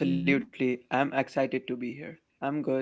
Absolutely. I'm excited to be here. I'm good.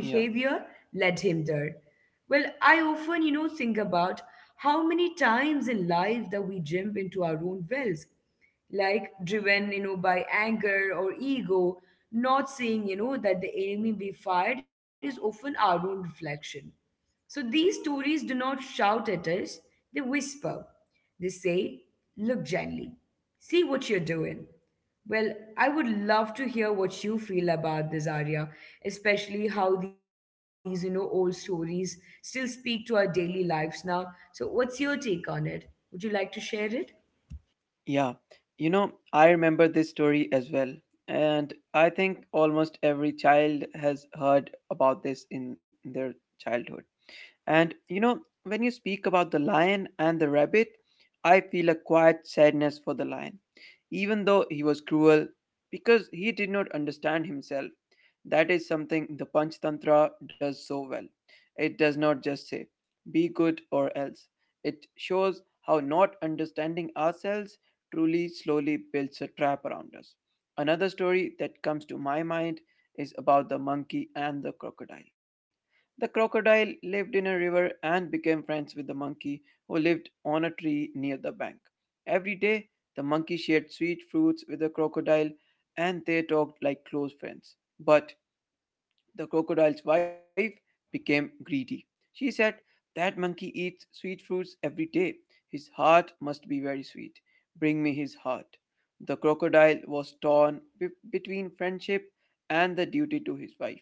Yeah. Yeah. You know, I remember this story as well. And I think almost every child has heard about this in their childhood. And you know, when you speak about the lion and the rabbit, I feel a quiet sadness for the lion, even though he was cruel, because he did not understand himself. That is something the Panch Tantra does so well. It does not just say, be good or else. It shows how not understanding ourselves truly slowly builds a trap around us. Another story that comes to my mind is about the monkey and the crocodile. The crocodile lived in a river and became friends with the monkey, who lived on a tree near the bank. Every day, the monkey shared sweet fruits with the crocodile and they talked like close friends. But the crocodile's wife became greedy. She said, "That monkey eats sweet fruits every day. His heart must be very sweet. Bring me his heart." The crocodile was torn between friendship and the duty to his wife.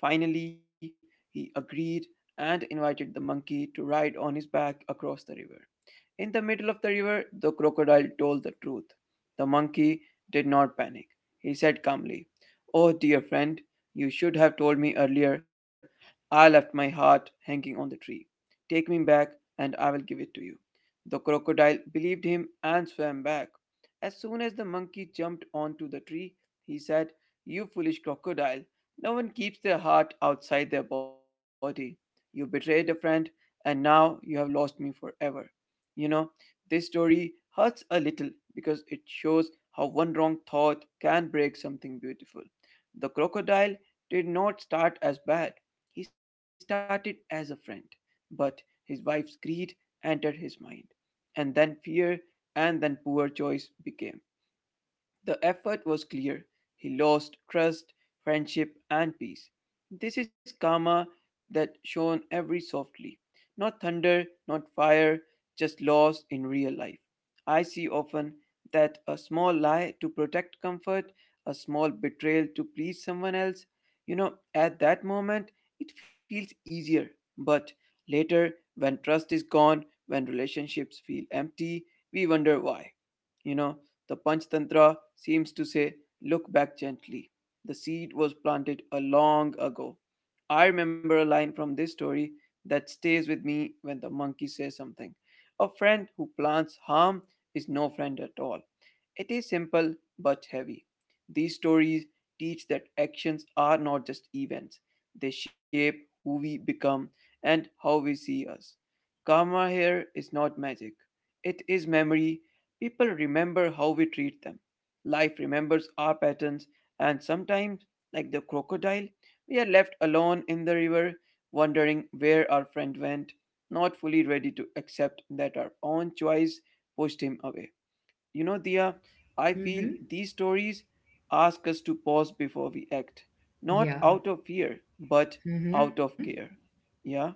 Finally, he agreed and invited the monkey to ride on his back across the river. In the middle of the river, the crocodile told the truth. The monkey did not panic. He said calmly, "Oh, dear friend, you should have told me earlier. I left my heart hanging on the tree. Take me back, and I will give it to you." The crocodile believed him and swam back. As soon as the monkey jumped onto the tree, he said, "You foolish crocodile, no one keeps their heart outside their body. You betrayed a friend, and now you have lost me forever." You know, this story hurts a little because it shows how one wrong thought can break something beautiful. The crocodile did not start as bad, he started as a friend, but his wife's greed entered his mind, and then fear, and then poor choice became. The effort was clear. He lost trust, friendship, and peace. This is karma that shone every softly. Not thunder, not fire, just loss in real life. I see often that a small lie to protect comfort, a small betrayal to please someone else, you know, at that moment it feels easier. But later, when trust is gone, when relationships feel empty, we wonder why. You know, the Panchtantra seems to say, "Look back gently. The seed was planted a long ago." I remember a line from this story that stays with me when the monkey says something. "A friend who plants harm is no friend at all." It is simple but heavy. These stories teach that actions are not just events, they shape who we become and how we see us. Karma here is not magic, it is memory. People remember how we treat them. Life remembers our patterns, and sometimes, like the crocodile, we are left alone in the river, wondering where our friend went, not fully ready to accept that our own choice pushed him away. You know, Dia, I feel these stories ask us to pause before we act, not out of fear, but out of care. Yeah.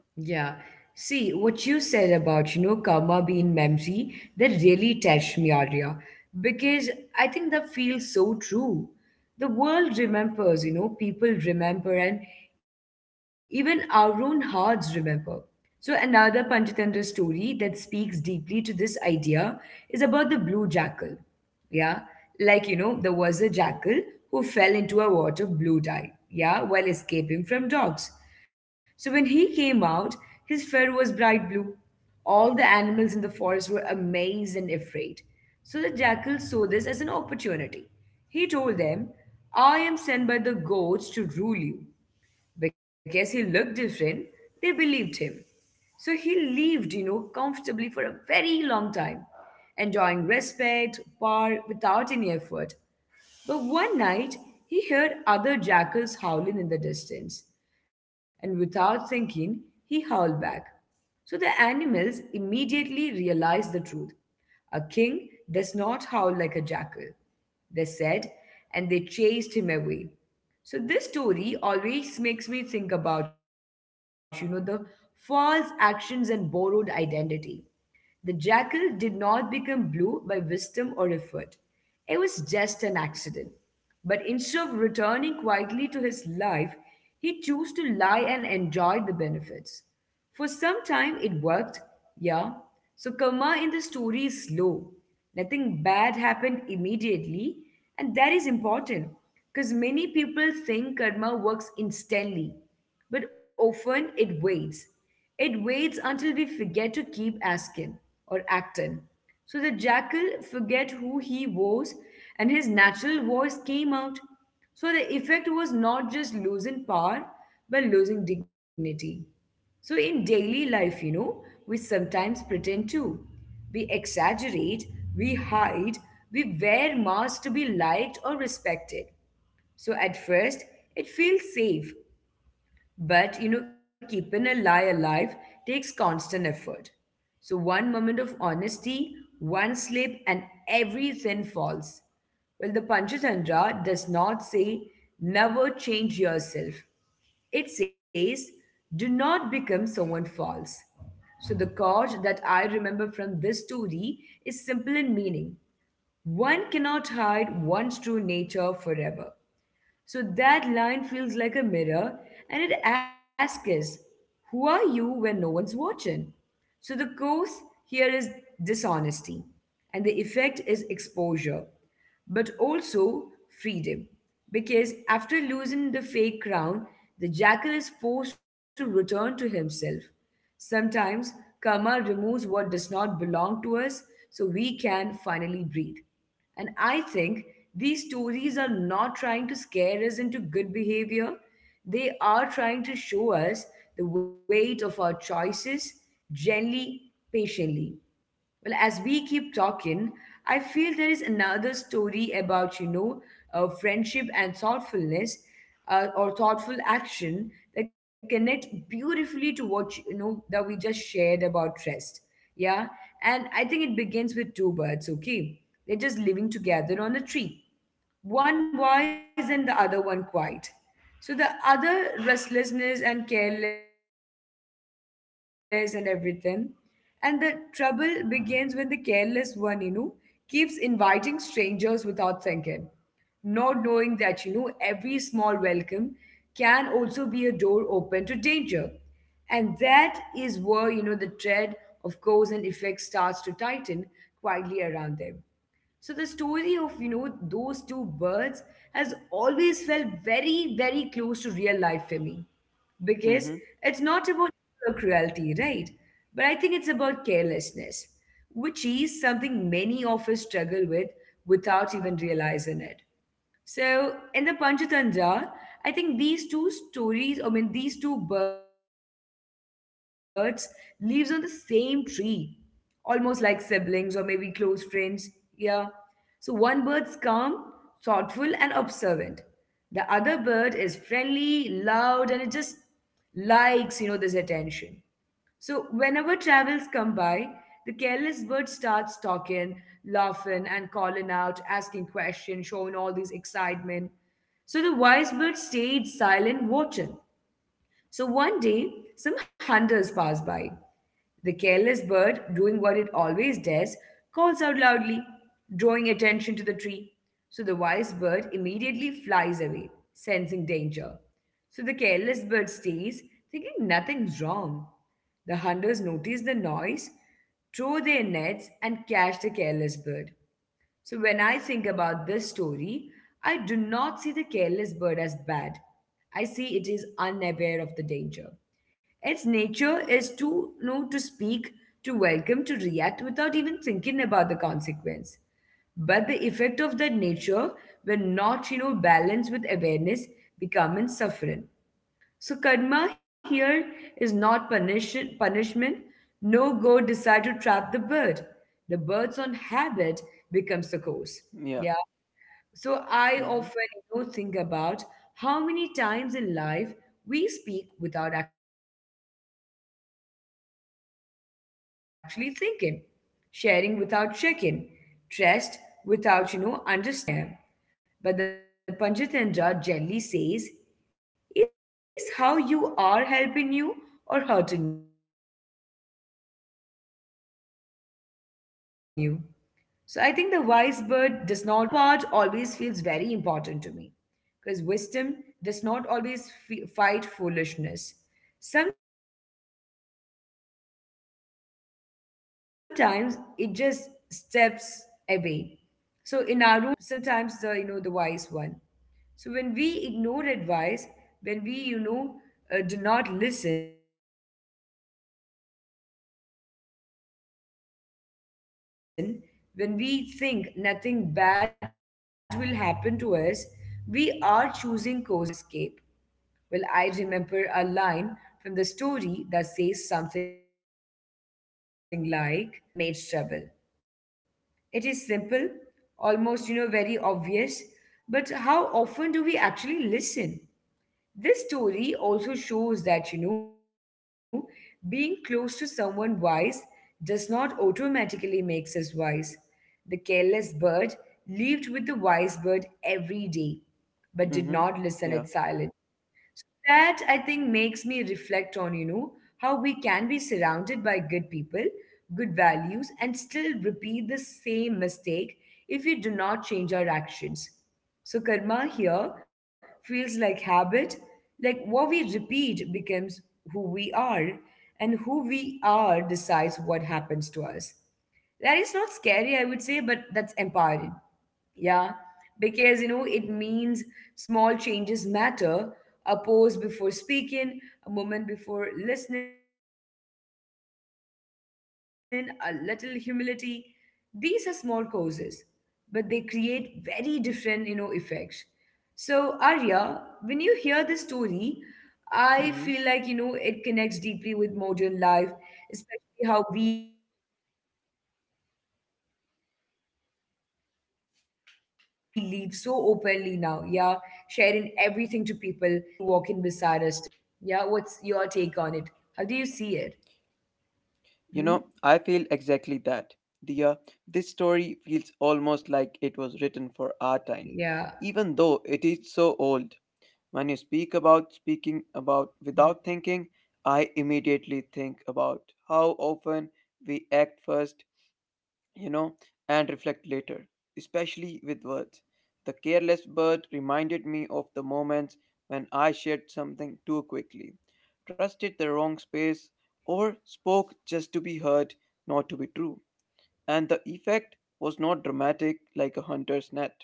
Mm-hmm. Yeah. Mm-hmm. Mm-hmm. Yeah. Mm-hmm. You know, I feel exactly that. The, uh, this story feels almost like it was written for our time, even though it is so old. When you speak about speaking about without thinking, I immediately think about how often we act first, you know, and reflect later, especially with words. The careless bird reminded me of the moments when I shared something too quickly, trusted the wrong space, or spoke just to be heard, not to be true. And the effect was not dramatic like a hunter's net,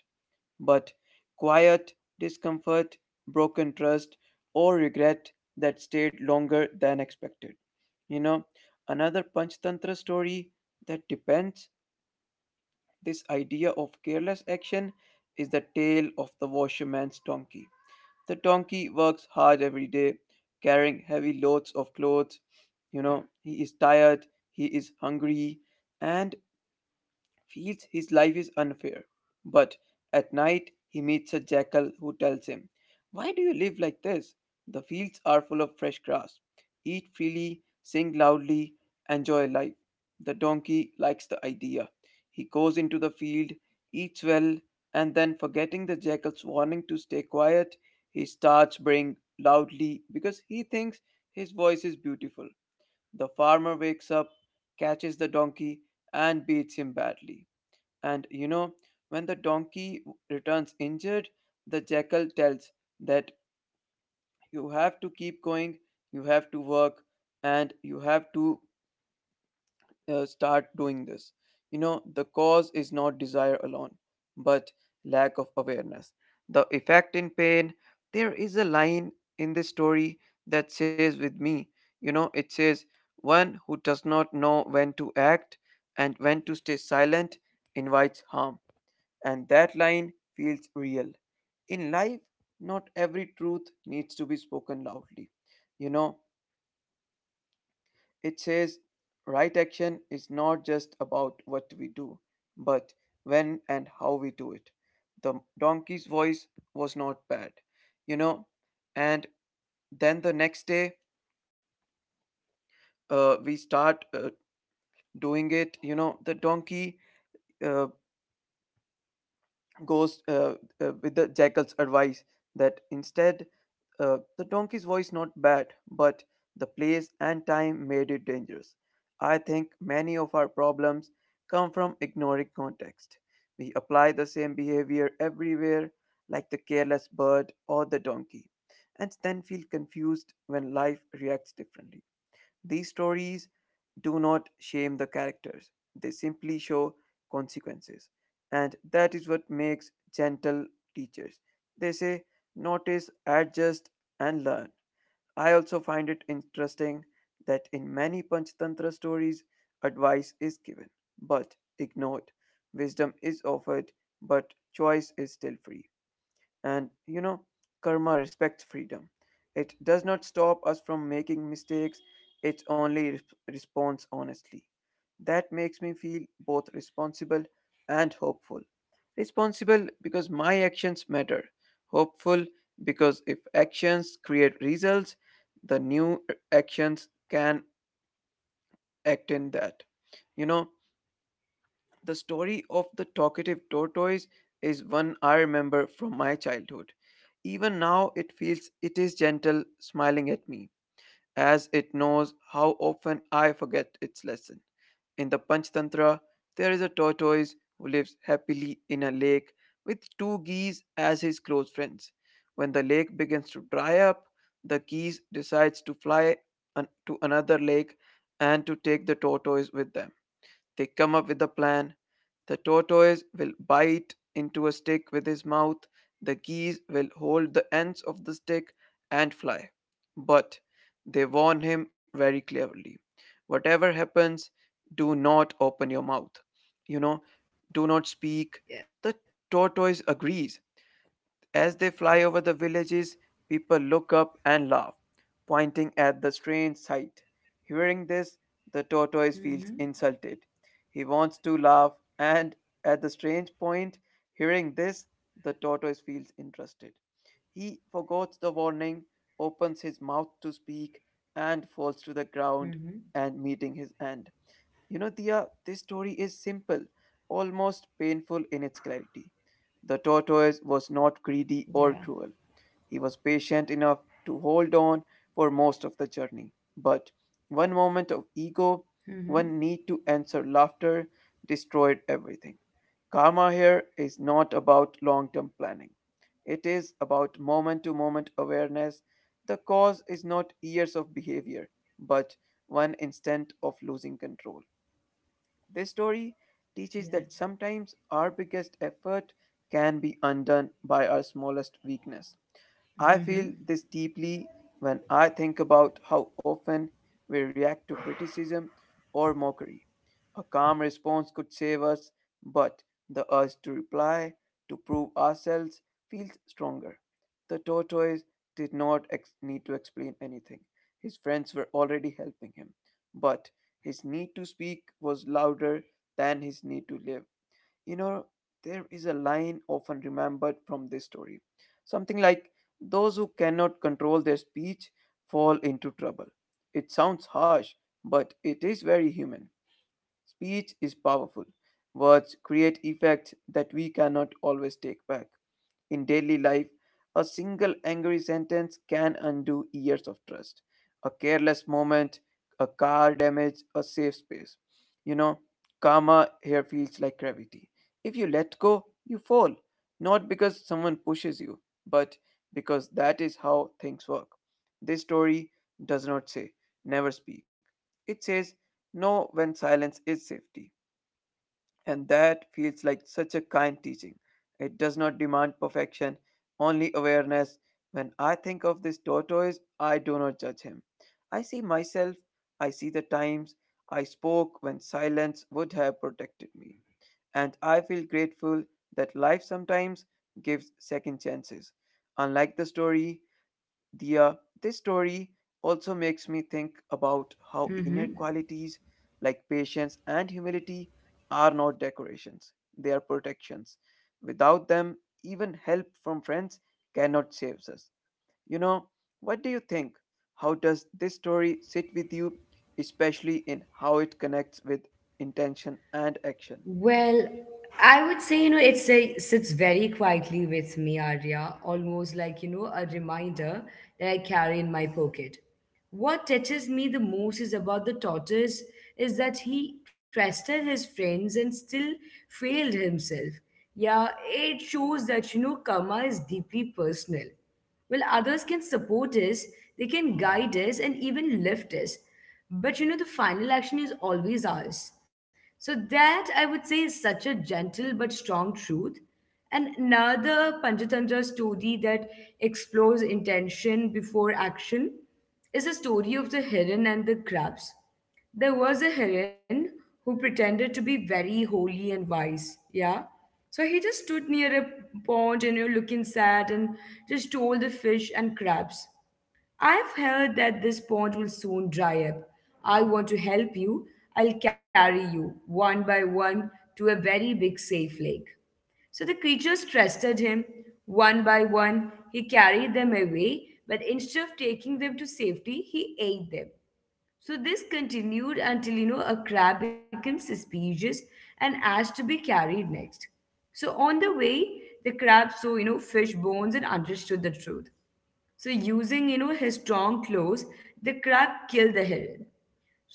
but quiet, discomfort, broken trust, or regret that stayed longer than expected. You know, another Panchtantra story that depends this idea of careless action is the tale of the washerman's donkey. The donkey works hard every day, carrying heavy loads of clothes. You know, he is tired, he is hungry, and feels his life is unfair. But at night, he meets a jackal who tells him, "Why do you live like this? The fields are full of fresh grass. Eat freely, sing loudly, enjoy life." The donkey likes the idea. He goes into the field, eats well, and then, forgetting the jackal's warning to stay quiet, he starts braying loudly because he thinks his voice is beautiful. The farmer wakes up, catches the donkey, and beats him badly. And you know, when the donkey returns injured, the jackal tells that you have to keep going, you have to work, and you have to start doing this. You know, the cause is not desire alone, but lack of awareness. The effect in pain, there is a line in this story that says with me, you know, it says, "One who does not know when to act and when to stay silent invites harm," and that line feels real. In life, not every truth needs to be spoken loudly. You know, it says right action is not just about what we do, but when and how we do it. The donkey's voice was not bad, you know, and then the next day we start doing it. You know, the donkey uh, goes with the jackal's advice that instead. The donkey's voice not bad, but the place and time made it dangerous. I think many of our problems come from ignoring context. We apply the same behavior everywhere, like the careless bird or the donkey, and then feel confused when life reacts differently. These stories do not shame the characters, they simply show consequences. And that is what makes gentle teachers. They say, notice, adjust, and learn. I also find it interesting that in many Panchatantra stories, advice is given but ignored. Wisdom is offered, but choice is still free. And you know, karma respects freedom. It does not stop us from making mistakes, it only responds honestly. That makes me feel both responsible and hopeful. Responsible because my actions matter, hopeful because if actions create results, the new actions can act in that. You know, the story of the talkative tortoise is one I remember from my childhood. Even now it feels it is gentle smiling at me as it knows how often I forget its lesson. In the Panchtantra, there is a tortoise who lives happily in a lake with two geese as his close friends. When the lake begins to dry up, the geese decides to fly to another lake and to take the tortoise with them. They come up with a plan. The tortoise will bite into a stick with his mouth, the geese will hold the ends of the stick and fly. But they warn him very clearly, whatever happens, do not open your Mm-hmm. mouth. You know, do not speak. Yeah. The tortoise agrees as they fly over the villages, people look up and laugh, Mm-hmm. pointing at the strange sight. Hearing this, the tortoise feels insulted. He wants to laugh, and at the strange point, hearing this, the tortoise feels interested. He forgets the Mm-hmm. warning, opens his mouth to speak, and falls to the ground and meeting his end. You know, Dia, this story is simple, almost Mm-hmm. painful in its clarity. The tortoise Yeah. was not greedy or cruel. He was patient enough to hold on for most of the journey. But one moment Mm-hmm. of ego, one need to answer laughter, destroyed everything. Karma here is not about long term planning. It is about moment to moment awareness. The cause is not years of behavior, but one instant of losing control. This story teaches Yeah. that sometimes our biggest effort can be undone by our smallest weakness. I feel Mm-hmm. this deeply when I think about how often we react to criticism or mockery. A calm response could save us, but the urge to reply, to prove ourselves, feels stronger. The tortoise did not need to explain anything. His friends were already helping him, but his need to speak was louder than his need to live. You know, there is a line often remembered from this story. Something like, "Those who cannot control their speech fall into trouble." It sounds harsh, but it is very human. Speech is powerful. Words create effects that we cannot always take back. In daily life, a single angry sentence can undo years of trust. A careless moment, a car damage, a safe space. You know, karma here feels like gravity. If you let go, you fall. Not because someone pushes you, but because that is how things work. This story does not say, never speak. It says, know when silence is safety. And that feels like such a kind teaching. It does not demand perfection, only awareness. When I think of this tortoise, I do not judge him. I see myself, I see the times I spoke when silence would have protected me. And I feel grateful that life sometimes gives second chances. Unlike the story, the this story also makes me think about how inner Mm-hmm. qualities like patience and humility are not decorations, they are protections. Without them, even help from friends cannot save us you know what do you think? How does this story sit with you, especially in how it connects with intention and action? Well, I would say, you know, sits very quietly with me, Arya, almost like, you know, a reminder that I carry in my pocket. What touches me the most is about the tortoise is that he trusted his friends and still failed himself. Yeah, it shows that, you know, karma is deeply personal. Well, others can support us, they can guide us, and even lift us. But you know, the final action is always ours. So that I would say is such a gentle but strong truth. And another Panchatantra story that explores intention before action is a story of the heron and the crabs. There was a heron who pretended to be very holy and wise, yeah? So he just stood near a pond and, you know, looking sad, and just told the fish and crabs, I've heard that this pond will soon dry up. I want to help you. I'll carry you one by one to a very big safe lake. So the creatures trusted him. One by one, he carried them away, but instead of taking them to safety, he ate them. So this continued until, you know, a crab became suspicious and asked to be carried next. So on the way, the crab saw, you know, fish bones and understood the truth. So using, you know, his strong claws, the crab killed the heron.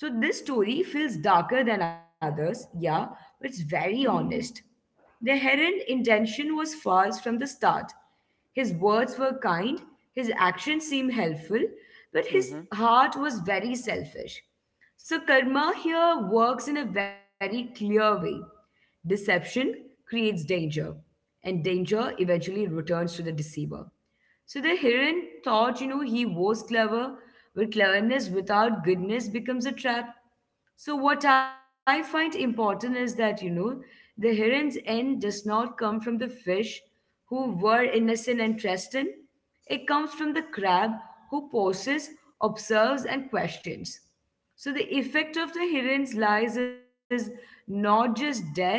So this story feels darker than others, yeah, but it's very honest. The heron's intention was false from the start. His words were kind, his actions seemed helpful, but his Mhm. heart was very selfish. So karma here works in a very clear way. Deception creates danger, and danger eventually returns to the deceiver. So the heron thought, you know, he was clever, but cleverness without goodness becomes a trap. So what I find important is that, you know, the heron's end does not come from the fish who were innocent and trusted. It comes from the crab who pauses, observes, and questions. So the effect of the heron's lies is not just death,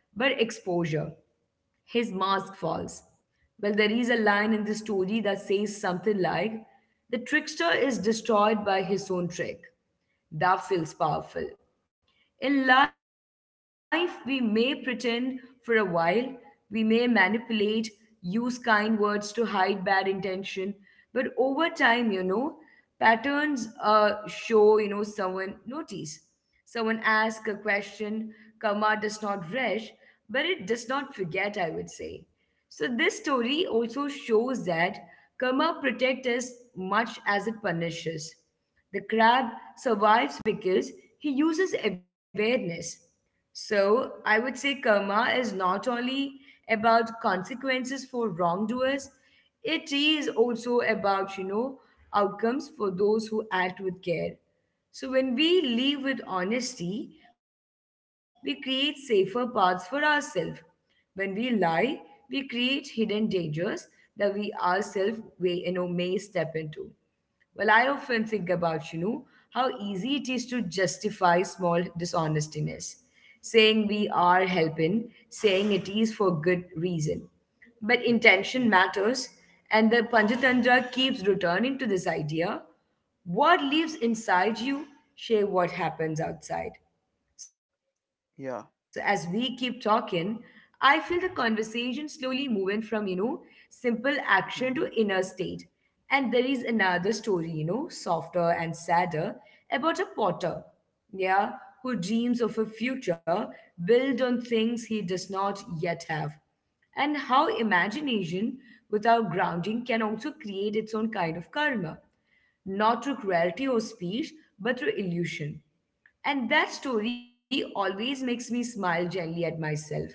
but exposure. His mask falls. Well, there is a line in the story that says something like, the trickster is destroyed by his own trick. That feels powerful. In life, we may pretend for a while, we may manipulate, use kind words to hide bad intention, but over time, you know, patterns show, you know, someone notice. Someone asks a question, karma does not rush, but it does not forget, I would say. So this story also shows that karma protects us much as it punishes. The crab survives because he uses awareness. So I would say karma is not only about consequences for wrongdoers, it is also about, you know, outcomes for those who act with care. So when we live with honesty, we create safer paths for ourselves. When we lie, we create hidden dangers that we ourselves may, you know, may step into. Well, I often think about, you know, how easy it is to justify small dishonestiness, saying we are helping, saying it is for good reason. But intention matters, and the Panchatantra keeps returning to this idea. What lives inside you, share what happens outside. So as we keep Yeah. talking, I feel the conversation slowly moving from, you know, simple action to inner state. Mhm. And there is another story, you know, softer and sadder, about a potter, yeah, who dreams of a future built on things he does not yet have, and how imagination without grounding can also create its own kind of karma, not through cruelty or speech, but through illusion. And that story always makes me smile gently at myself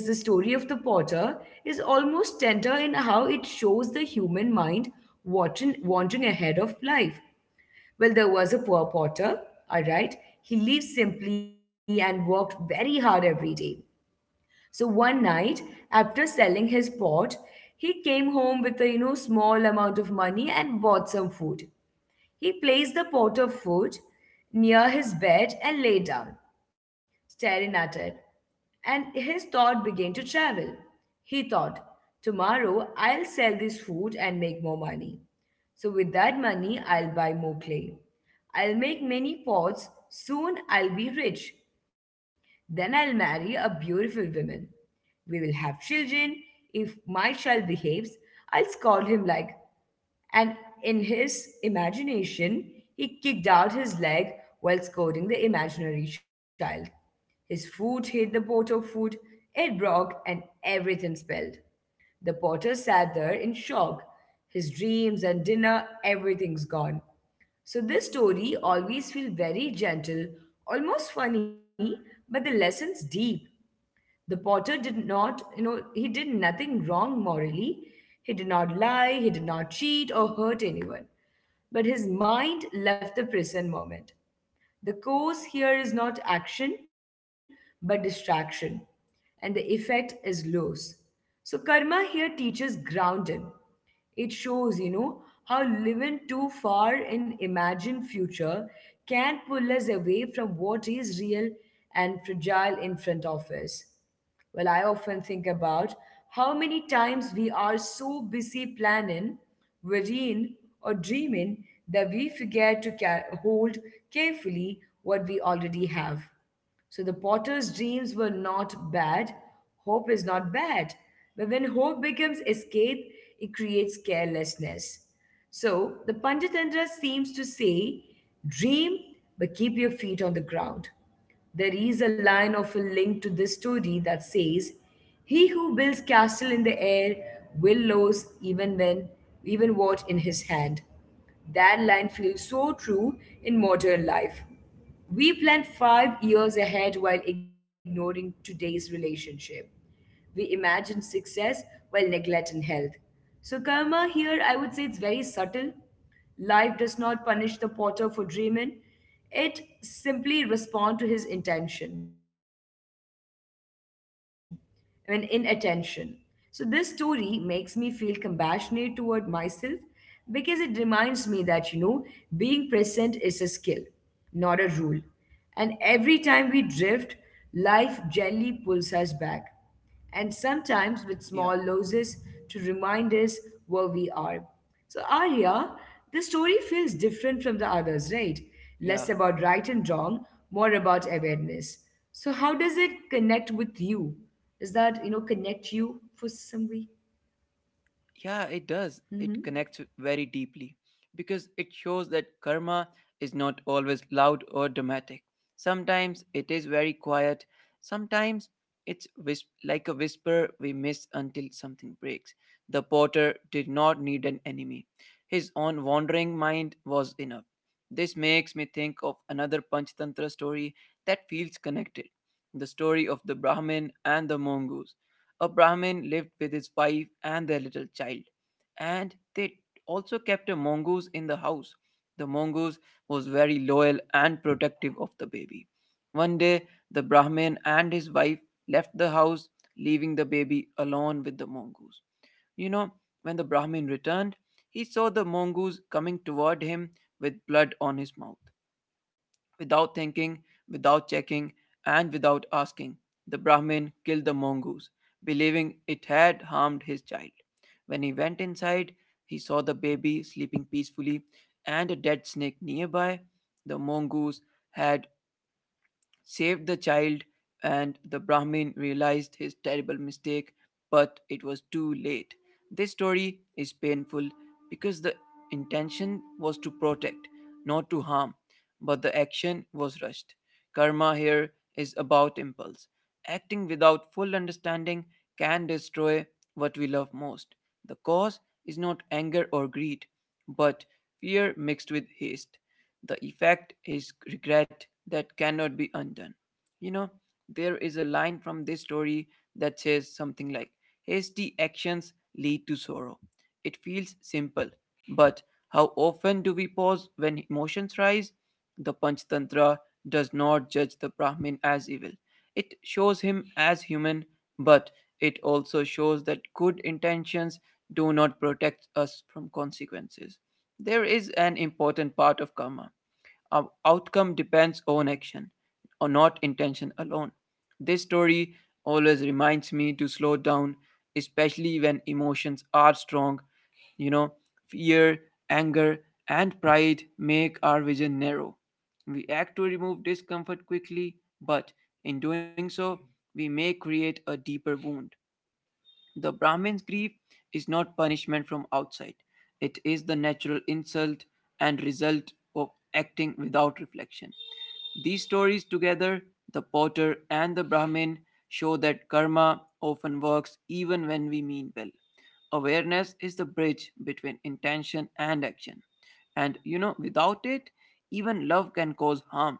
because the story of the potter is almost tender in how it shows the human mind wanting, wanting ahead of life. Well, there was a poor potter, all right. He lived simply and worked very hard every day. So one night, after selling his pot, he came home with a, you know, small amount of money and bought some food. He placed the pot of food near his bed and lay down, staring at it. And his thought began to travel. He thought, tomorrow I'll sell this food and make more money. So with that money, I'll buy more clay. I'll make many pots. Soon I'll be rich. Then I'll marry a beautiful woman. We will have children. If my child behaves, I'll scold him like. And in his imagination, he kicked out his leg while scolding the imaginary child. His foot hit the pot of food, it broke, and everything spilled. The potter sat there in shock. His dreams and dinner, everything's gone. So this story always feels very gentle, almost funny, but the lesson's deep. The potter did not, you know, he did nothing wrong morally. He did not lie, he did not cheat or hurt anyone. But his mind left the present moment. The cause here is not action, but distraction. And the effect is loss. So karma here teaches grounding. It shows, you know, how living too far in imagined future can pull us away from what is real and fragile in front of us. Well, I often think about how many times we are so busy planning, worrying, or dreaming that we forget to hold carefully what we already have. So the potter's dreams were not bad. Hope is not bad. But when hope becomes escape, it creates carelessness. So the Panchatantra seems to say, dream, but keep your feet on the ground. There is a line of a link to this story that says, he who builds castle in the air will lose even when even what in his hand. That line feels so true in modern life. We plan 5 years ahead while ignoring today's relationship. We imagine success while neglecting health. So karma here, I would say it's very subtle. Life does not punish the potter for dreaming, it simply responds to his intention, I mean, inattention. So this story makes me feel compassionate toward myself because it reminds me that, you know, being present is a skill, not a rule. And every time we drift, life gently pulls us back, and sometimes with small losses to Yeah. remind us where we are. So, Arya, the story feels different from the others, right? Less about right and Yeah. wrong, more about awareness. So how does it connect with you? Does that, you know, connect you for some way? Yeah, it does. Mm-hmm. It connects very deeply because it shows that karma is not always loud or dramatic. Sometimes it is very quiet. Sometimes it's like a whisper we miss until something breaks. The potter did not need an enemy. His own wandering mind was enough. This makes me think of another Panchatantra story that feels connected, the story of the Brahmin and the mongoose. A Brahmin lived with his wife and their little child, and they also kept a mongoose in the house. The mongoose was very loyal and protective of the baby. One day, the Brahmin and his wife left the house, leaving the baby alone with the mongoose. You know, when the Brahmin returned, he saw the mongoose coming toward him with blood on his mouth. Without thinking, without checking, and without asking, the Brahmin killed the mongoose, believing it had harmed his child. When he went inside, he saw the baby sleeping peacefully and a dead snake nearby. The mongoose had saved the child, and the Brahmin realized his terrible mistake, but it was too late. This story is painful because the intention was to protect, not to harm, but the action was rushed. Karma here is about impulse. Acting without full understanding can destroy what we love most. The cause is not anger or greed, but fear mixed with haste. The effect is regret that cannot be undone. You know, there is a line from this story that says something like, hasty actions lead to sorrow. It feels simple, but how often do we pause when emotions rise? The Panchatantra does not judge the Brahmin as evil. It shows him as human, but it also shows that good intentions do not protect us from consequences. There is an important part of karma, outcome depends on action, or not intention alone. This story always reminds me to slow down, especially when emotions are strong. You know, fear, anger, and pride make our vision narrow. We act to remove discomfort quickly, but in doing so, we may create a deeper wound. The Brahmin's grief is not punishment from outside, it is the natural insult and result of acting without reflection. These stories together, the potter and the Brahmin, show that karma often works even when we mean well. Awareness is the bridge between intention and action. And without it, even love can cause harm.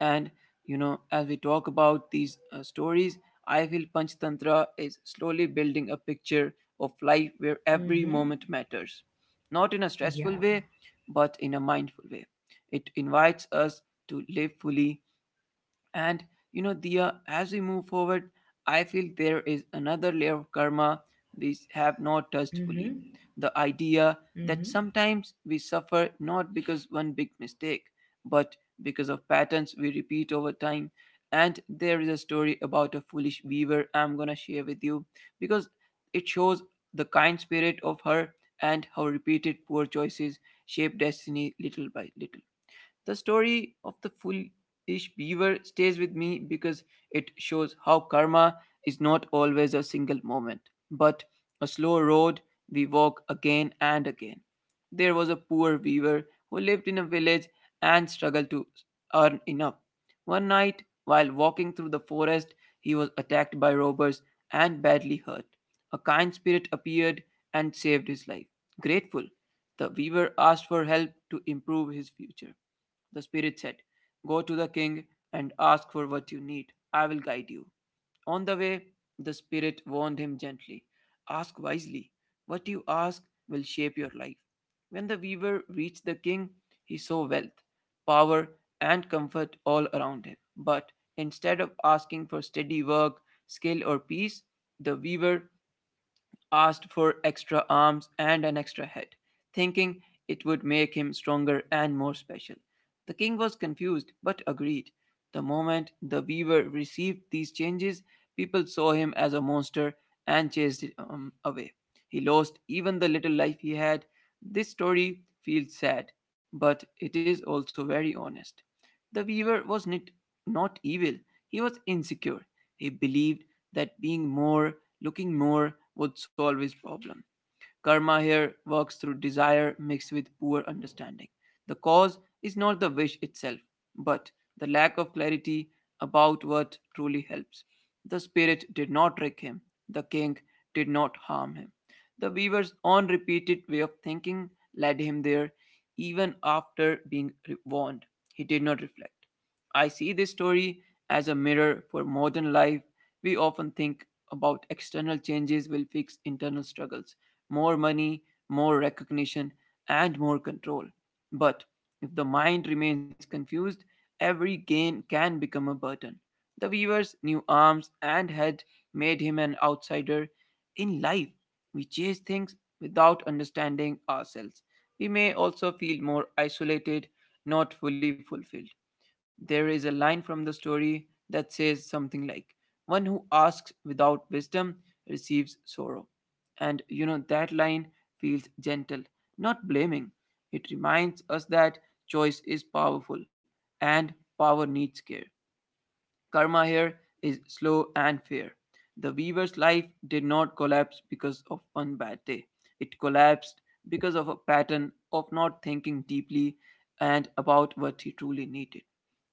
And as we talk about these stories, I feel Panchtantra is slowly building a picture of life where every Mm-hmm. moment matters, not in a Yeah. stressful way, but in a mindful way. It invites us to live fully. And Dia, as we move forward, I feel there is another layer of karma we have not touched fully. Mm-hmm. The idea that Mm-hmm. sometimes we suffer not because one big mistake, but because of patterns we repeat over time. And there is a story about a foolish weaver I'm gonna share with you, because it shows the kind spirit of her and how repeated poor choices shape destiny little by little. The story of the foolish beaver stays with me because it shows how karma is not always a single moment, but a slow road we walk again and again. There was a poor weaver who lived in a village and struggled to earn enough. One night, while walking through the forest, he was attacked by robbers and badly hurt. A kind spirit appeared and saved his life. Grateful, the weaver asked for help to improve his future. The spirit said, "Go to the king and ask for what you need. I will guide you." On the way, the spirit warned him gently, "Ask wisely. What you ask will shape your life." When the weaver reached the king, he saw wealth, power, and comfort all around him. But instead of asking for steady work, skill, or peace, the weaver asked for extra arms and an extra head, thinking it would make him stronger and more special. The king was confused but agreed. The moment the weaver received these changes, people saw him as a monster and chased him away. He lost even the little life he had. This story feels sad, but it is also very honest. The weaver was not evil. He was insecure. He believed that being more, looking more, would solve his problem. Karma here works through desire mixed with poor understanding. The cause is not the wish itself, but the lack of clarity about what truly helps. The spirit did not trick him, the king did not harm him. The weaver's own repeated way of thinking led him there, even after being warned. He did not reflect. I see this story as a mirror for modern life. We often think about external changes will fix internal struggles, more money, more recognition, and more control. But if the mind remains confused, every gain can become a burden. The weaver's new arms and head made him an outsider in life. We chase things without understanding ourselves. We may also feel more isolated, not fully fulfilled. There is a line from the story that says something like, "One who asks without wisdom receives sorrow." And that line feels gentle, not blaming. It reminds us that choice is powerful and power needs care. Karma here is slow and fair. The weaver's life did not collapse because of one bad day. It collapsed because of a pattern of not thinking deeply and about what he truly needed.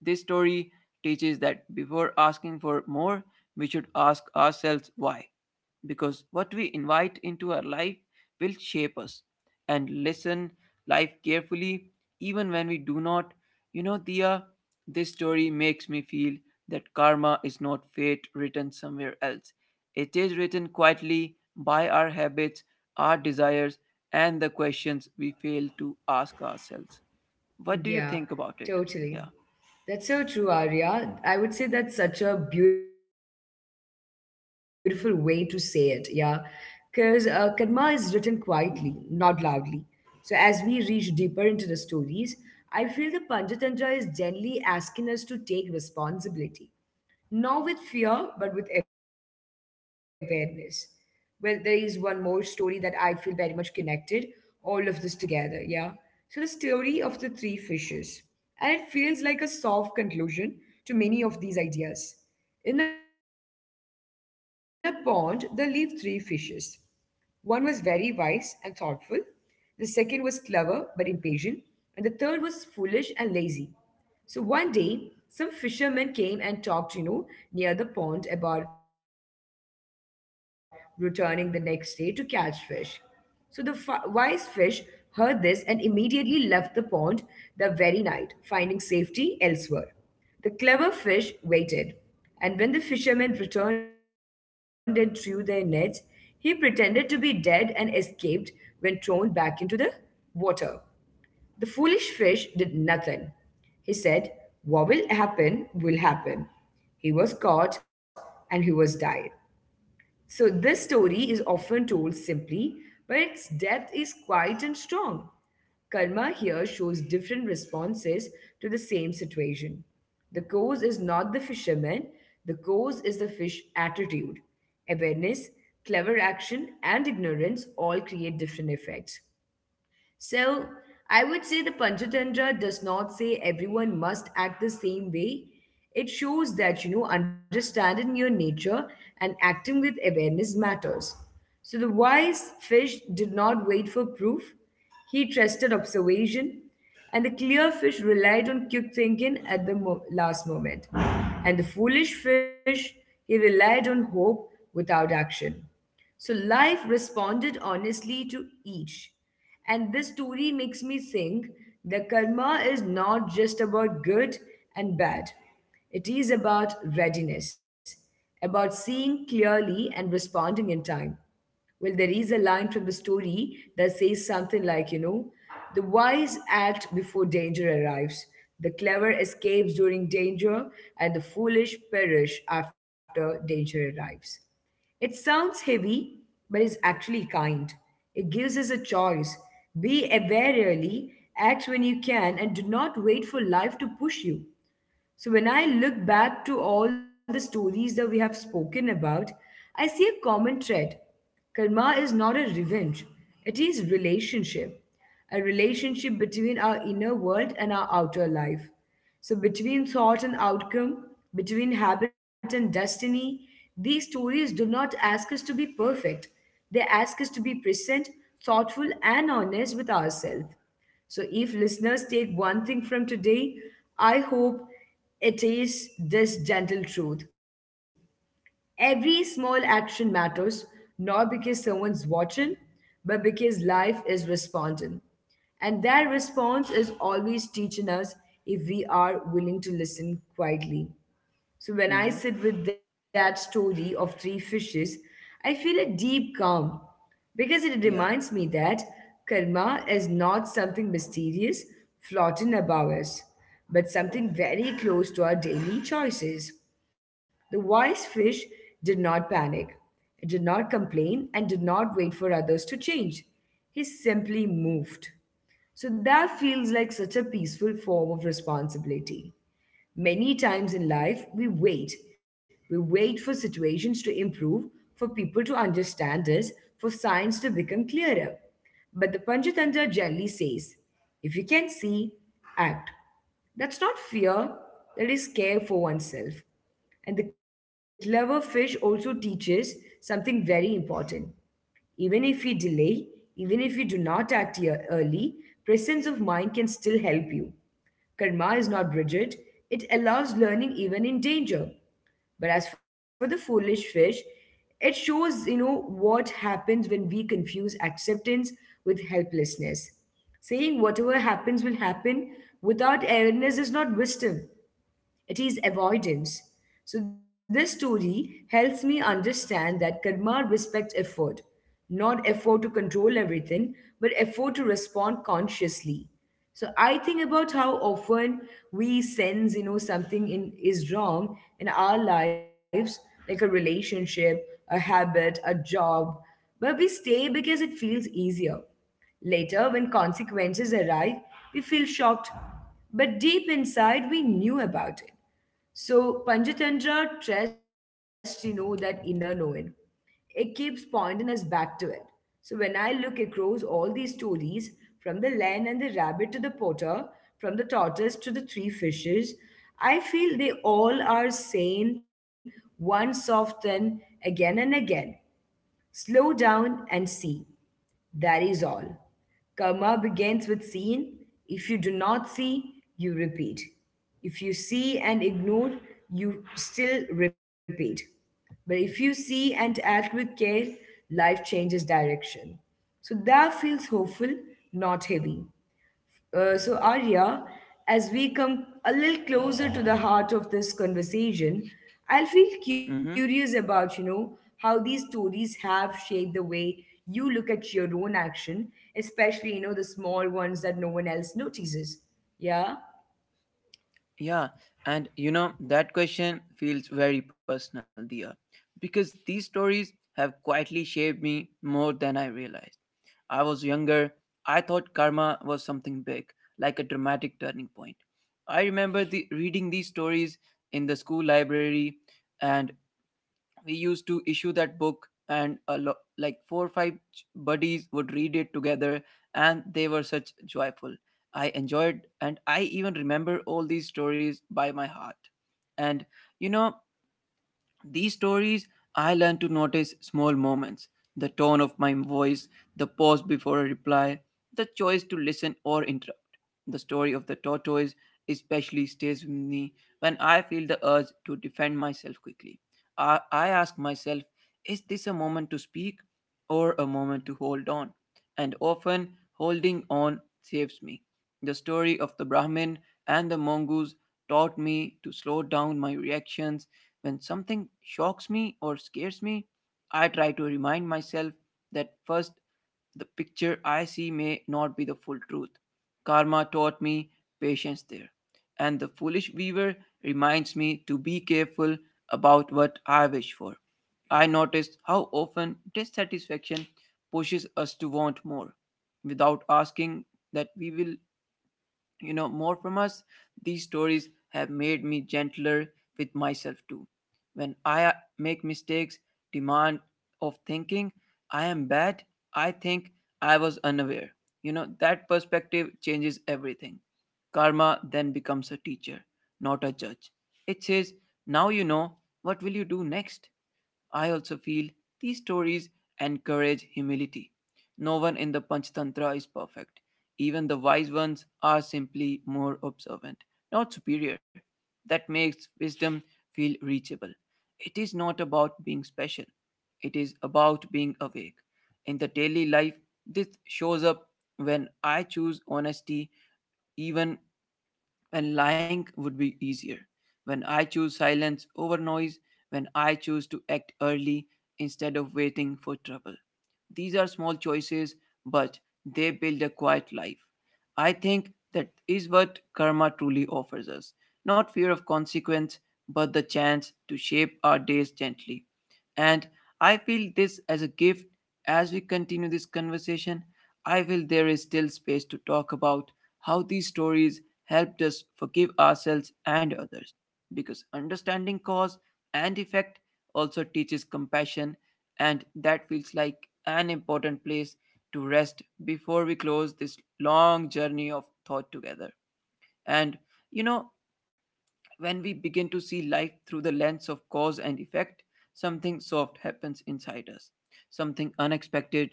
This story teaches that before asking for more, we should ask ourselves why. Because what we invite into our life will shape us, and listen life carefully, even when we do not. Diya, this story makes me feel that karma is not fate written somewhere else. It is written quietly by our habits, our desires, and the questions we fail to ask ourselves. What do you Yeah, think about it? totally. Yeah. That's so true, Arya. I would say that's such a beautiful way to say it. Yeah. Because karma is written quietly, not loudly. So as we reach deeper into the stories, I feel the Panchatantra is gently asking us to take responsibility. Not with fear, but with awareness. Well, there is one more story that I feel very much connected, all of this together, yeah? So the story of the three fishes. And it feels like a soft conclusion to many of these ideas. In a pond, there lived three fishes. One was very wise and thoughtful, the second was clever but impatient, and the third was foolish and lazy. So one day, some fishermen came and talked, you know, near the pond about returning the next day to catch fish. So the wise fish heard this and immediately left the pond the very night, finding safety elsewhere. The clever fish waited, and when the fishermen returned and threw their nets, he pretended to be dead and escaped when thrown back into the water. The foolish fish did nothing. He said, what will happen will happen. He was caught and he was died. So this story is often told simply, but its depth is quite and strong. Karma here shows different responses to the same situation. The cause is not the fisherman, the cause is the fish attitude. Awareness, clever action, and ignorance all create different effects. So I would say the Panchatantra does not say everyone must act the same way. It shows that, you know, understanding your nature and acting with awareness matters. So the wise fish did not wait for proof. He trusted observation, and the clear fish relied on quick thinking at the last moment. And the foolish fish, he relied on hope without action. So life responded honestly to each. And this story makes me think that karma is not just about good and bad, it is about readiness, about seeing clearly and responding in time. Well, there is a line from the story that says something like, you know, the wise act before danger arrives, the clever escapes during danger, and the foolish perish after danger arrives. It sounds heavy, but it's actually kind. It gives us a choice. Be aware early, act when you can, and do not wait for life to push you. So when I look back to all the stories that we have spoken about, I see a common thread. Karma is not a revenge, it is relationship, a relationship between our inner world and our outer life. So between thought and outcome, between habit and destiny, these stories do not ask us to be perfect. They ask us to be present, thoughtful, and honest with ourselves. So, if listeners take one thing from today, I hope it is this gentle truth. Every small action matters, not because someone's watching, but because life is responding. And that response is always teaching us if we are willing to listen quietly. So, when I Mm-hmm. sit with that story of three fishes, I feel a deep calm because it reminds Yeah. me that karma is not something mysterious floating above us, but something very close to our daily choices. The wise fish did not panic, it did not complain, and did not wait for others to change. He simply moved. So that feels like such a peaceful form of responsibility. Many times in life, we wait. We wait for situations to improve, for people to understand us, for signs to become clearer. But the Panchatantra generally says if you can see, act. That's not fear, that is care for oneself. And the clever fish also teaches something very important. Even if we delay, even if we do not act early, presence of mind can still help you. Karma is not rigid, it allows learning even in danger. But as for the foolish fish, it shows, what happens when we confuse acceptance with helplessness. Saying whatever happens will happen without awareness is not wisdom. It is avoidance. So, this story helps me understand that karma respects effort, not effort to control everything, but effort to respond consciously. So I think about how often we sense, something is wrong in our lives, like a relationship, a habit, a job, but we stay because it feels easier. Later, when consequences arrive, we feel shocked, but deep inside, we knew about it. So Panchatantra trusts, that inner knowing. It keeps pointing us back to it. So when I look across all these stories, from the lion and the rabbit to the potter, from the tortoise to the three fishes, I feel they all are saying once often, again and again. Slow down and see. That is all. Karma begins with seeing. If you do not see, you repeat. If you see and ignore, you still repeat. But if you see and act with care, life changes direction. So that feels hopeful, not heavy. So, Arya, as we come a little closer to the heart of this conversation, I'll feel curious Mm-hmm. about, how these stories have shaped the way you look at your own action, especially, the small ones that no one else notices. Yeah? Yeah, and that question feels very personal, Dia, because these stories have quietly shaped me more than I realized. I was younger, I thought karma was something big, like a dramatic turning point. I remember reading these stories in the school library, and we used to issue that book, and like four or five buddies would read it together, and they were such joyful. I enjoyed, and I even remember all these stories by my heart. And you know these stories, I learned to notice small moments, the tone of my voice, the pause before a reply, the choice to listen or interrupt. The story of the tortoise especially stays with me when I feel the urge to defend myself quickly. I ask myself, is this a moment to speak or a moment to hold on? And often, holding on saves me. The story of the Brahmin and the mongoose taught me to slow down my reactions. When something shocks me or scares me, I try to remind myself that first, the picture I see may not be the full truth. Karma taught me patience there, and the foolish weaver reminds me to be careful about what I wish for. I noticed how often dissatisfaction pushes us to want more without asking that we will, more from us. These stories have made me gentler with myself too. When I make mistakes, demand of thinking I am bad, I think I was unaware. That perspective changes everything. Karma then becomes a teacher, not a judge. It says, now you know, what will you do next? I also feel these stories encourage humility. No one in the Panchatantra is perfect. Even the wise ones are simply more observant, not superior. That makes wisdom feel reachable. It is not about being special, it is about being awake. In the daily life, this shows up when I choose honesty even when lying would be easier, when I choose silence over noise, when I choose to act early instead of waiting for trouble. These are small choices, but they build a quiet life. I think that is what karma truly offers us, not fear of consequence, but the chance to shape our days gently. And I feel this as a gift. As we continue this conversation, I feel there is still space to talk about how these stories helped us forgive ourselves and others. Because understanding cause and effect also teaches compassion, and that feels like an important place to rest before we close this long journey of thought together. And you know, when we begin to see life through the lens of cause and effect, something soft happens inside us, something unexpected.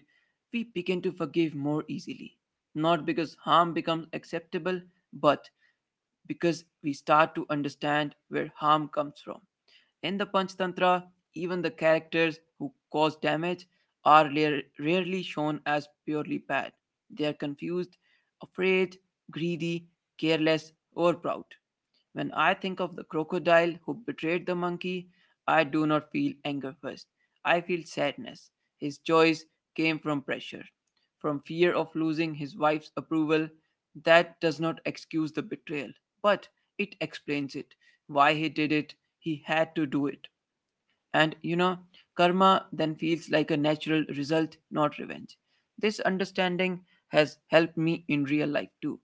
We begin to forgive more easily, not because harm becomes acceptable, but because we start to understand where harm comes from. In the Panchatantra, even the characters who cause damage are rarely shown as purely bad. They are confused, afraid, greedy, careless, or proud. When I think of the crocodile who betrayed the monkey, I do not feel anger first. I feel sadness. His choice came from pressure, from fear of losing his wife's approval. That does not excuse the betrayal, but it explains it. Why he did it, he had to do it. And you know, Karma then feels like a natural result, not revenge. This understanding has helped me in real life too.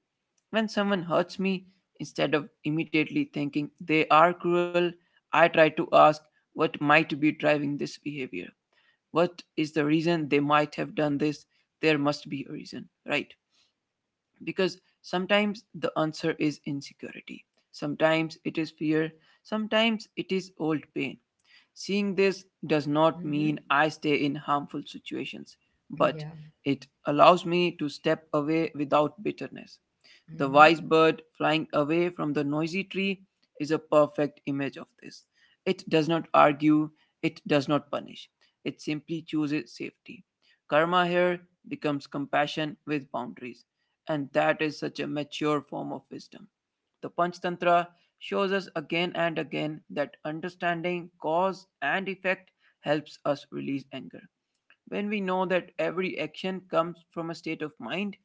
When someone hurts me, instead of immediately thinking they are cruel, I try to ask what might be driving this behavior. What is the reason they might have done this? There must be a reason, right? Because sometimes the answer is insecurity, sometimes it is fear, sometimes it is old pain. Seeing this does not Mm-hmm. mean I stay in harmful situations, but Yeah. it allows me to step away without bitterness. The Mm-hmm. wise bird flying away from the noisy tree is a perfect image of this. It does not argue, it does not punish, it simply chooses safety. Karma here becomes compassion with boundaries, and that is such a mature form of wisdom. The Panchtantra shows us again and again that understanding cause and effect helps us release anger. When we know that every action comes from a state of mind,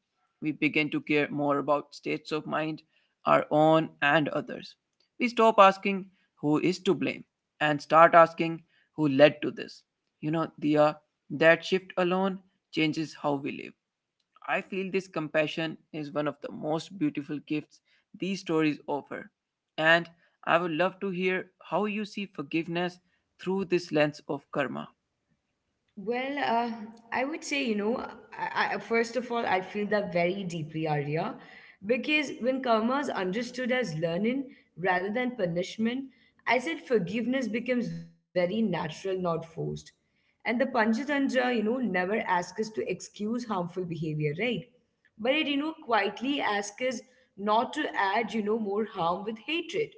we begin to care more about states of mind, our own and others. We stop asking who is to blame and start asking who led to this. You know, Diya, that shift alone changes how we live. I feel this compassion is one of the most beautiful gifts these stories offer. And I would love to hear how you see forgiveness through this lens of karma. Well, I would say, first of all, I feel that very deeply, Arya, because when karma is understood as learning rather than punishment, I said forgiveness becomes very natural, not forced. And the Panchatantra, never asks us to excuse harmful behavior, right? But it, quietly asks us not to add, more harm with hatred.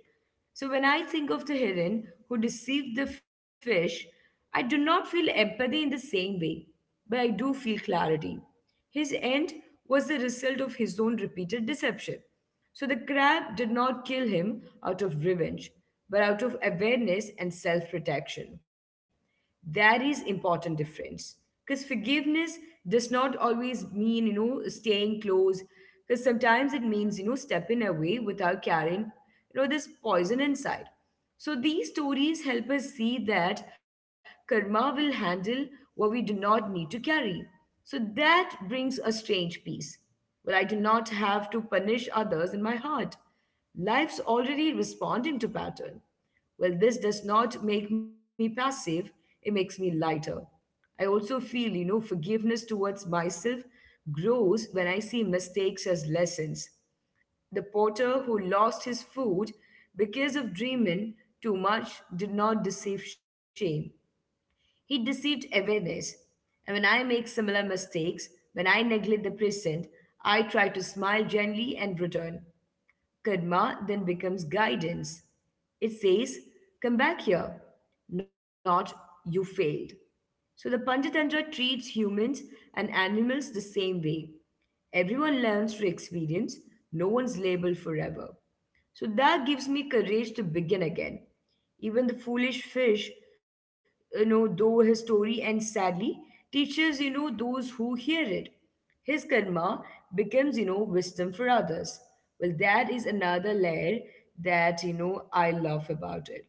So when I think of the heron who deceived the fish, I do not feel empathy in the same way, but I do feel clarity. His end was the result of his own repeated deception. So the crab did not kill him out of revenge, but out of awareness and self protection. That is important difference. Because forgiveness does not always mean, staying close. Because sometimes it means, stepping away without carrying, this poison inside. So these stories help us see that karma will handle what we do not need to carry. So that brings a strange peace. But I do not have to punish others in my heart. Life's already responding to pattern. Well, this does not make me passive, it makes me lighter. I also feel, forgiveness towards myself grows when I see mistakes as lessons. The potter who lost his food because of dreaming too much did not deceive shame. He deceived awareness. And when I make similar mistakes, when I neglect the present, I try to smile gently and return. Karma then becomes guidance. It says, come back here, not you failed. So the Panchatantra treats humans and animals the same way. Everyone learns through experience, no one's labeled forever. So that gives me courage to begin again. Even the foolish fish, though his story ends sadly, teaches, those who hear it. His karma becomes, wisdom for others. Well, that is another layer that, I love about it.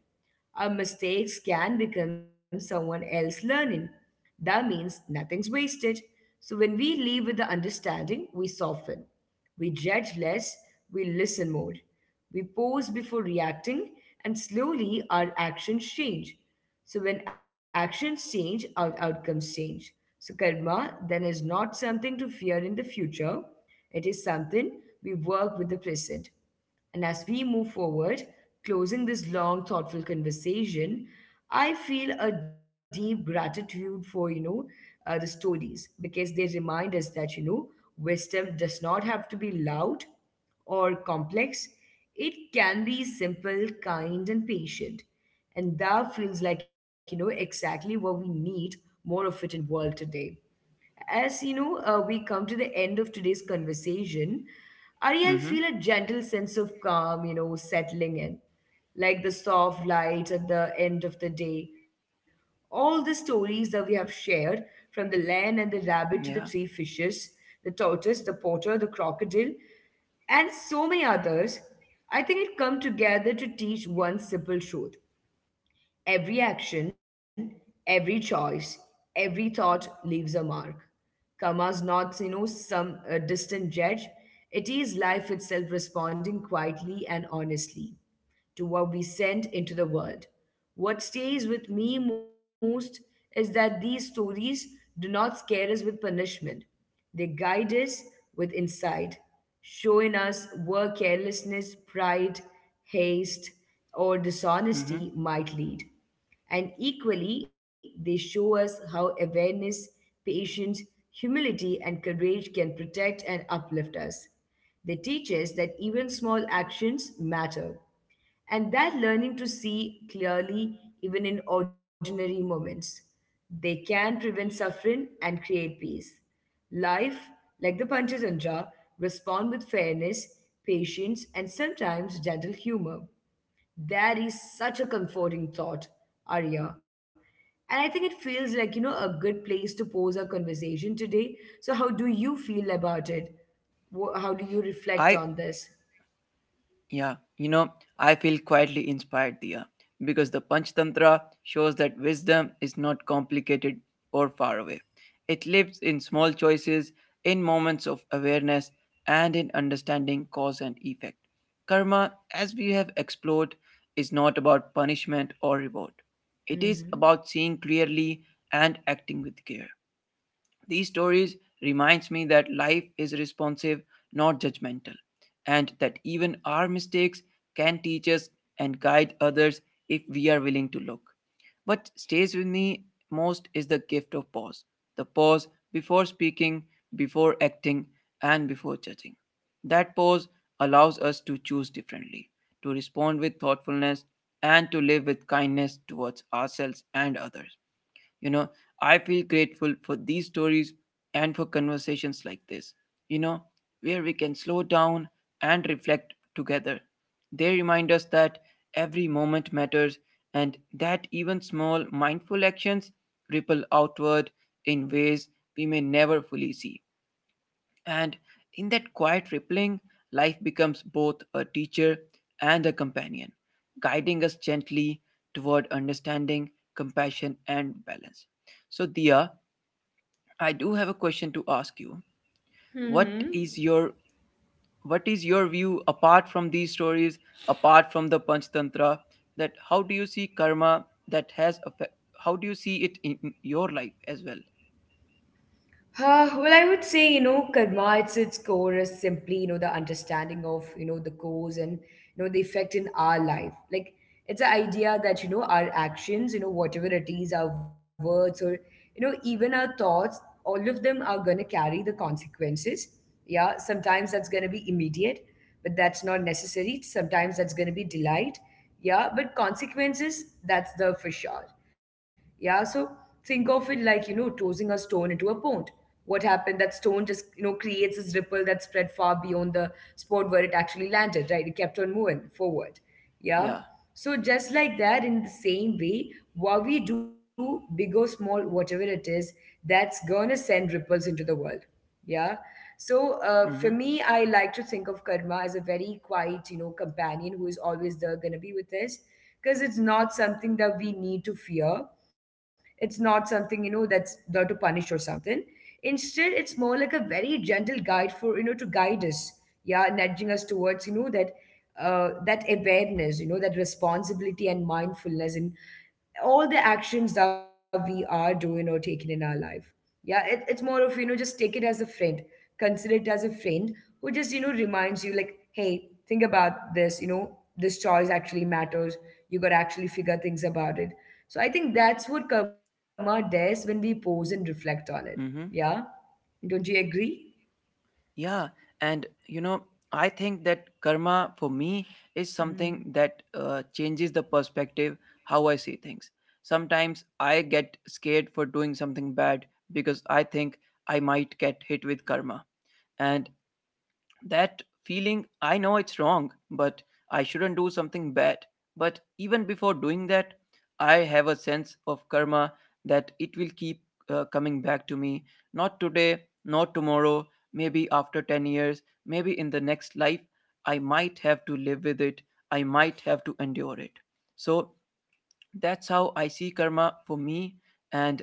Our mistakes can become someone else learning. That means nothing's wasted. So when we leave with the understanding, we soften. We judge less, we listen more. We pause before reacting, and slowly our actions change. So when actions change, our outcomes change. So karma then is not something to fear in the future. It is something we work with the present. And as we move forward, closing this long, thoughtful conversation, I feel a deep gratitude for, the stories because they remind us that, wisdom does not have to be loud or complex. It can be simple, kind, and patient. And that feels like, exactly what we need more of it in world today. As you know, we come to the end of today's conversation, Ari, I feel Mm-hmm. a gentle sense of calm, settling in, like the soft light at the end of the day. All the stories that we have shared, from the lion and the rabbit to the three Yeah. fishes, the tortoise, the potter, the crocodile, and so many others, I think it come together to teach one simple truth. Every action, every choice, every thought leaves a mark. Karma's not, some distant judge. It is life itself responding quietly and honestly to what we send into the world. What stays with me most is that these stories do not scare us with punishment, they guide us with insight, showing us where carelessness, pride, haste, or Mm-hmm. dishonesty might lead. And equally, they show us how awareness, patience, humility, and courage can protect and uplift us. They teach us that even small actions matter, and that learning to see clearly, even in ordinary moments, they can prevent suffering and create peace. Life, like the Panchatantra, respond with fairness, patience, and sometimes gentle humor. That is such a comforting thought, Arya. And I think it feels like, a good place to pose our conversation today. So, how do you feel about it? How do you reflect I on this? Yeah, I feel quietly inspired, Dia, because the Panchatantra shows that wisdom is not complicated or far away. It lives in small choices, in moments of awareness, and in understanding cause and effect. Karma, as we have explored, is not about punishment or reward. It is Hmm. about seeing clearly and acting with care. These stories reminds me that life is responsive, not judgmental, and that even our mistakes can teach us and guide others if we are willing to look. What stays with me most is the gift of pause. The pause before speaking, before acting, and before judging. That pause allows us to choose differently, to respond with thoughtfulness, and to live with kindness towards ourselves and others. You know, I feel grateful for these stories and for conversations like this, you know, where we can slow down and reflect together. They remind us that every moment matters and that even small mindful actions ripple outward in ways we may never fully see. And in that quiet rippling, life becomes both a teacher and a companion, guiding us gently toward understanding, compassion, and balance. So, Dia, I do have a question to ask you. What is Mm-hmm. your what is your view apart from these stories, apart from the Panchtantra? That how do you see karma that has affect? How do you see it in your life as well? Well, I would say, karma, it's its core is simply, the understanding of, the cause and, the effect in our life. Like, it's the idea that, our actions, whatever it is, our words or, even our thoughts, all of them are going to carry the consequences. Yeah. Sometimes that's going to be immediate, but that's not necessary. Sometimes that's going to be delight. Yeah. But consequences, that's the for sure. Yeah, so think of it like, tossing a stone into a pond. What happened? That stone just, creates this ripple that spread far beyond the spot where it actually landed, right? It kept on moving forward. Yeah. Yeah. So just like that, in the same way, what we do, big or small, whatever it is, that's gonna send ripples into the world. Yeah. So for me, I like to think of karma as a very quiet, companion who is always there, gonna be with us, because it's not something that we need to fear. It's not something you know that's there to punish or something. Instead, it's more like a very gentle guide for you know to guide us. Yeah, nudging us towards you know that that awareness, that responsibility and mindfulness in all the actions that we are doing or taking in our life. Yeah, it's more of, just take it as a friend. Consider it as a friend who just, reminds you, like, hey, think about this, this choice actually matters. You got to actually figure things about it. So I think that's what karma does when we pause and reflect on it. Mm-hmm. Yeah? Don't you agree? Yeah, and you know, I think that karma for me is something that changes the perspective how I see things. Sometimes I get scared for doing something bad because I think I might get hit with karma. And that feeling, I know it's wrong, but I shouldn't do something bad. But even before doing that, I have a sense of karma that it will keep coming back to me, not today, not tomorrow, maybe after 10 years, maybe in the next life. I might have to live with it, I might have to endure it. So that's how I see karma for me. Mm-hmm. And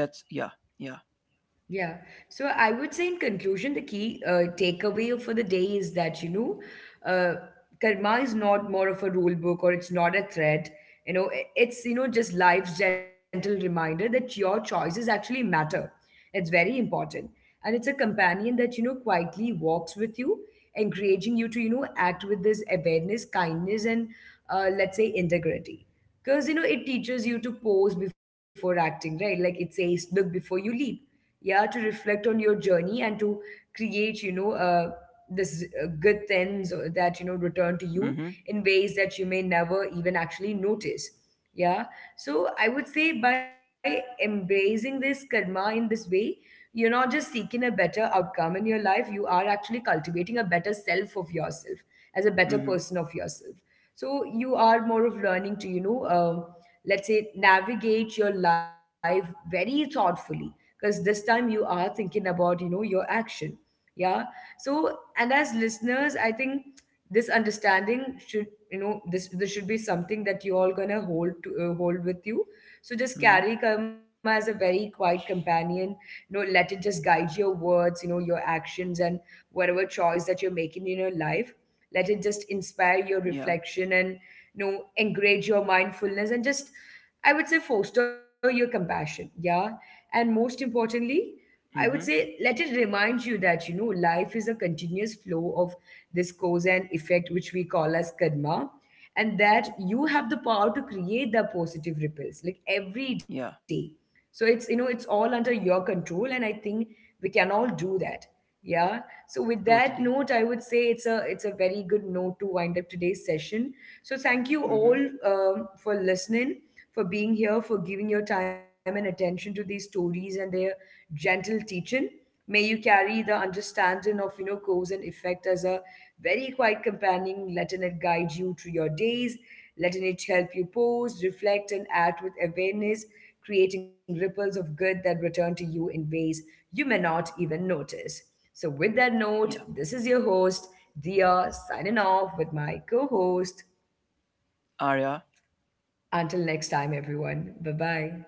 that's yeah. Yeah. Yeah. So I would say, in conclusion, the key takeaway for the day is that, uh, karma is not more of a rule book or it's not a threat. You know, it's, just life's gentle reminder that your choices actually matter. It's very important. And it's a companion that, quietly walks with you, encouraging you to, act with this awareness, kindness, and let's say integrity. Because, it teaches you to pause before acting, right? Like it says, look before you leap yeah to reflect on your journey and to create you know this good things that you know return to you Mhm. in ways that you may never even actually notice. Yeah, so I would say by embracing this karma in this way, you're not just seeking a better outcome in your life, you are actually cultivating a better self of yourself as a better Mhm. person of yourself. So you are more of learning to you know let's say navigate your life very thoughtfully, because this time you are thinking about you know your action. Yeah. So and as listeners, I think this understanding should you know this should be something that you all gonna hold to hold with you. So just Mhm. carry karma as a very quiet companion, you know let it just guide your words, you know your actions, and whatever choice that you're making in your life, let it just inspire your Yeah. reflection and you know encourage your mindfulness and just I would say foster your compassion. Yeah. And most importantly, I would say Mhm. let it remind you that, life is a continuous flow of this cause and effect, which we call as karma, and that you have the power to create the positive ripples like every day. Yeah. So it's, it's all under your control. And I think we can all do that. Yeah. So with that note, Totally. I would say it's a very good note to wind up today's session. So thank you Mm-hmm. all for listening, for being here, for giving your time and attention to these stories and their gentle teaching. May you carry the understanding of, cause and effect as a very quiet companion, letting it guide you through your days, letting it help you pause, reflect, and act with awareness, creating ripples of good that return to you in ways you may not even notice. So, with that Yeah. note, this is your host, Dia, signing off with my co host. Arya. Until next time, everyone. Bye bye.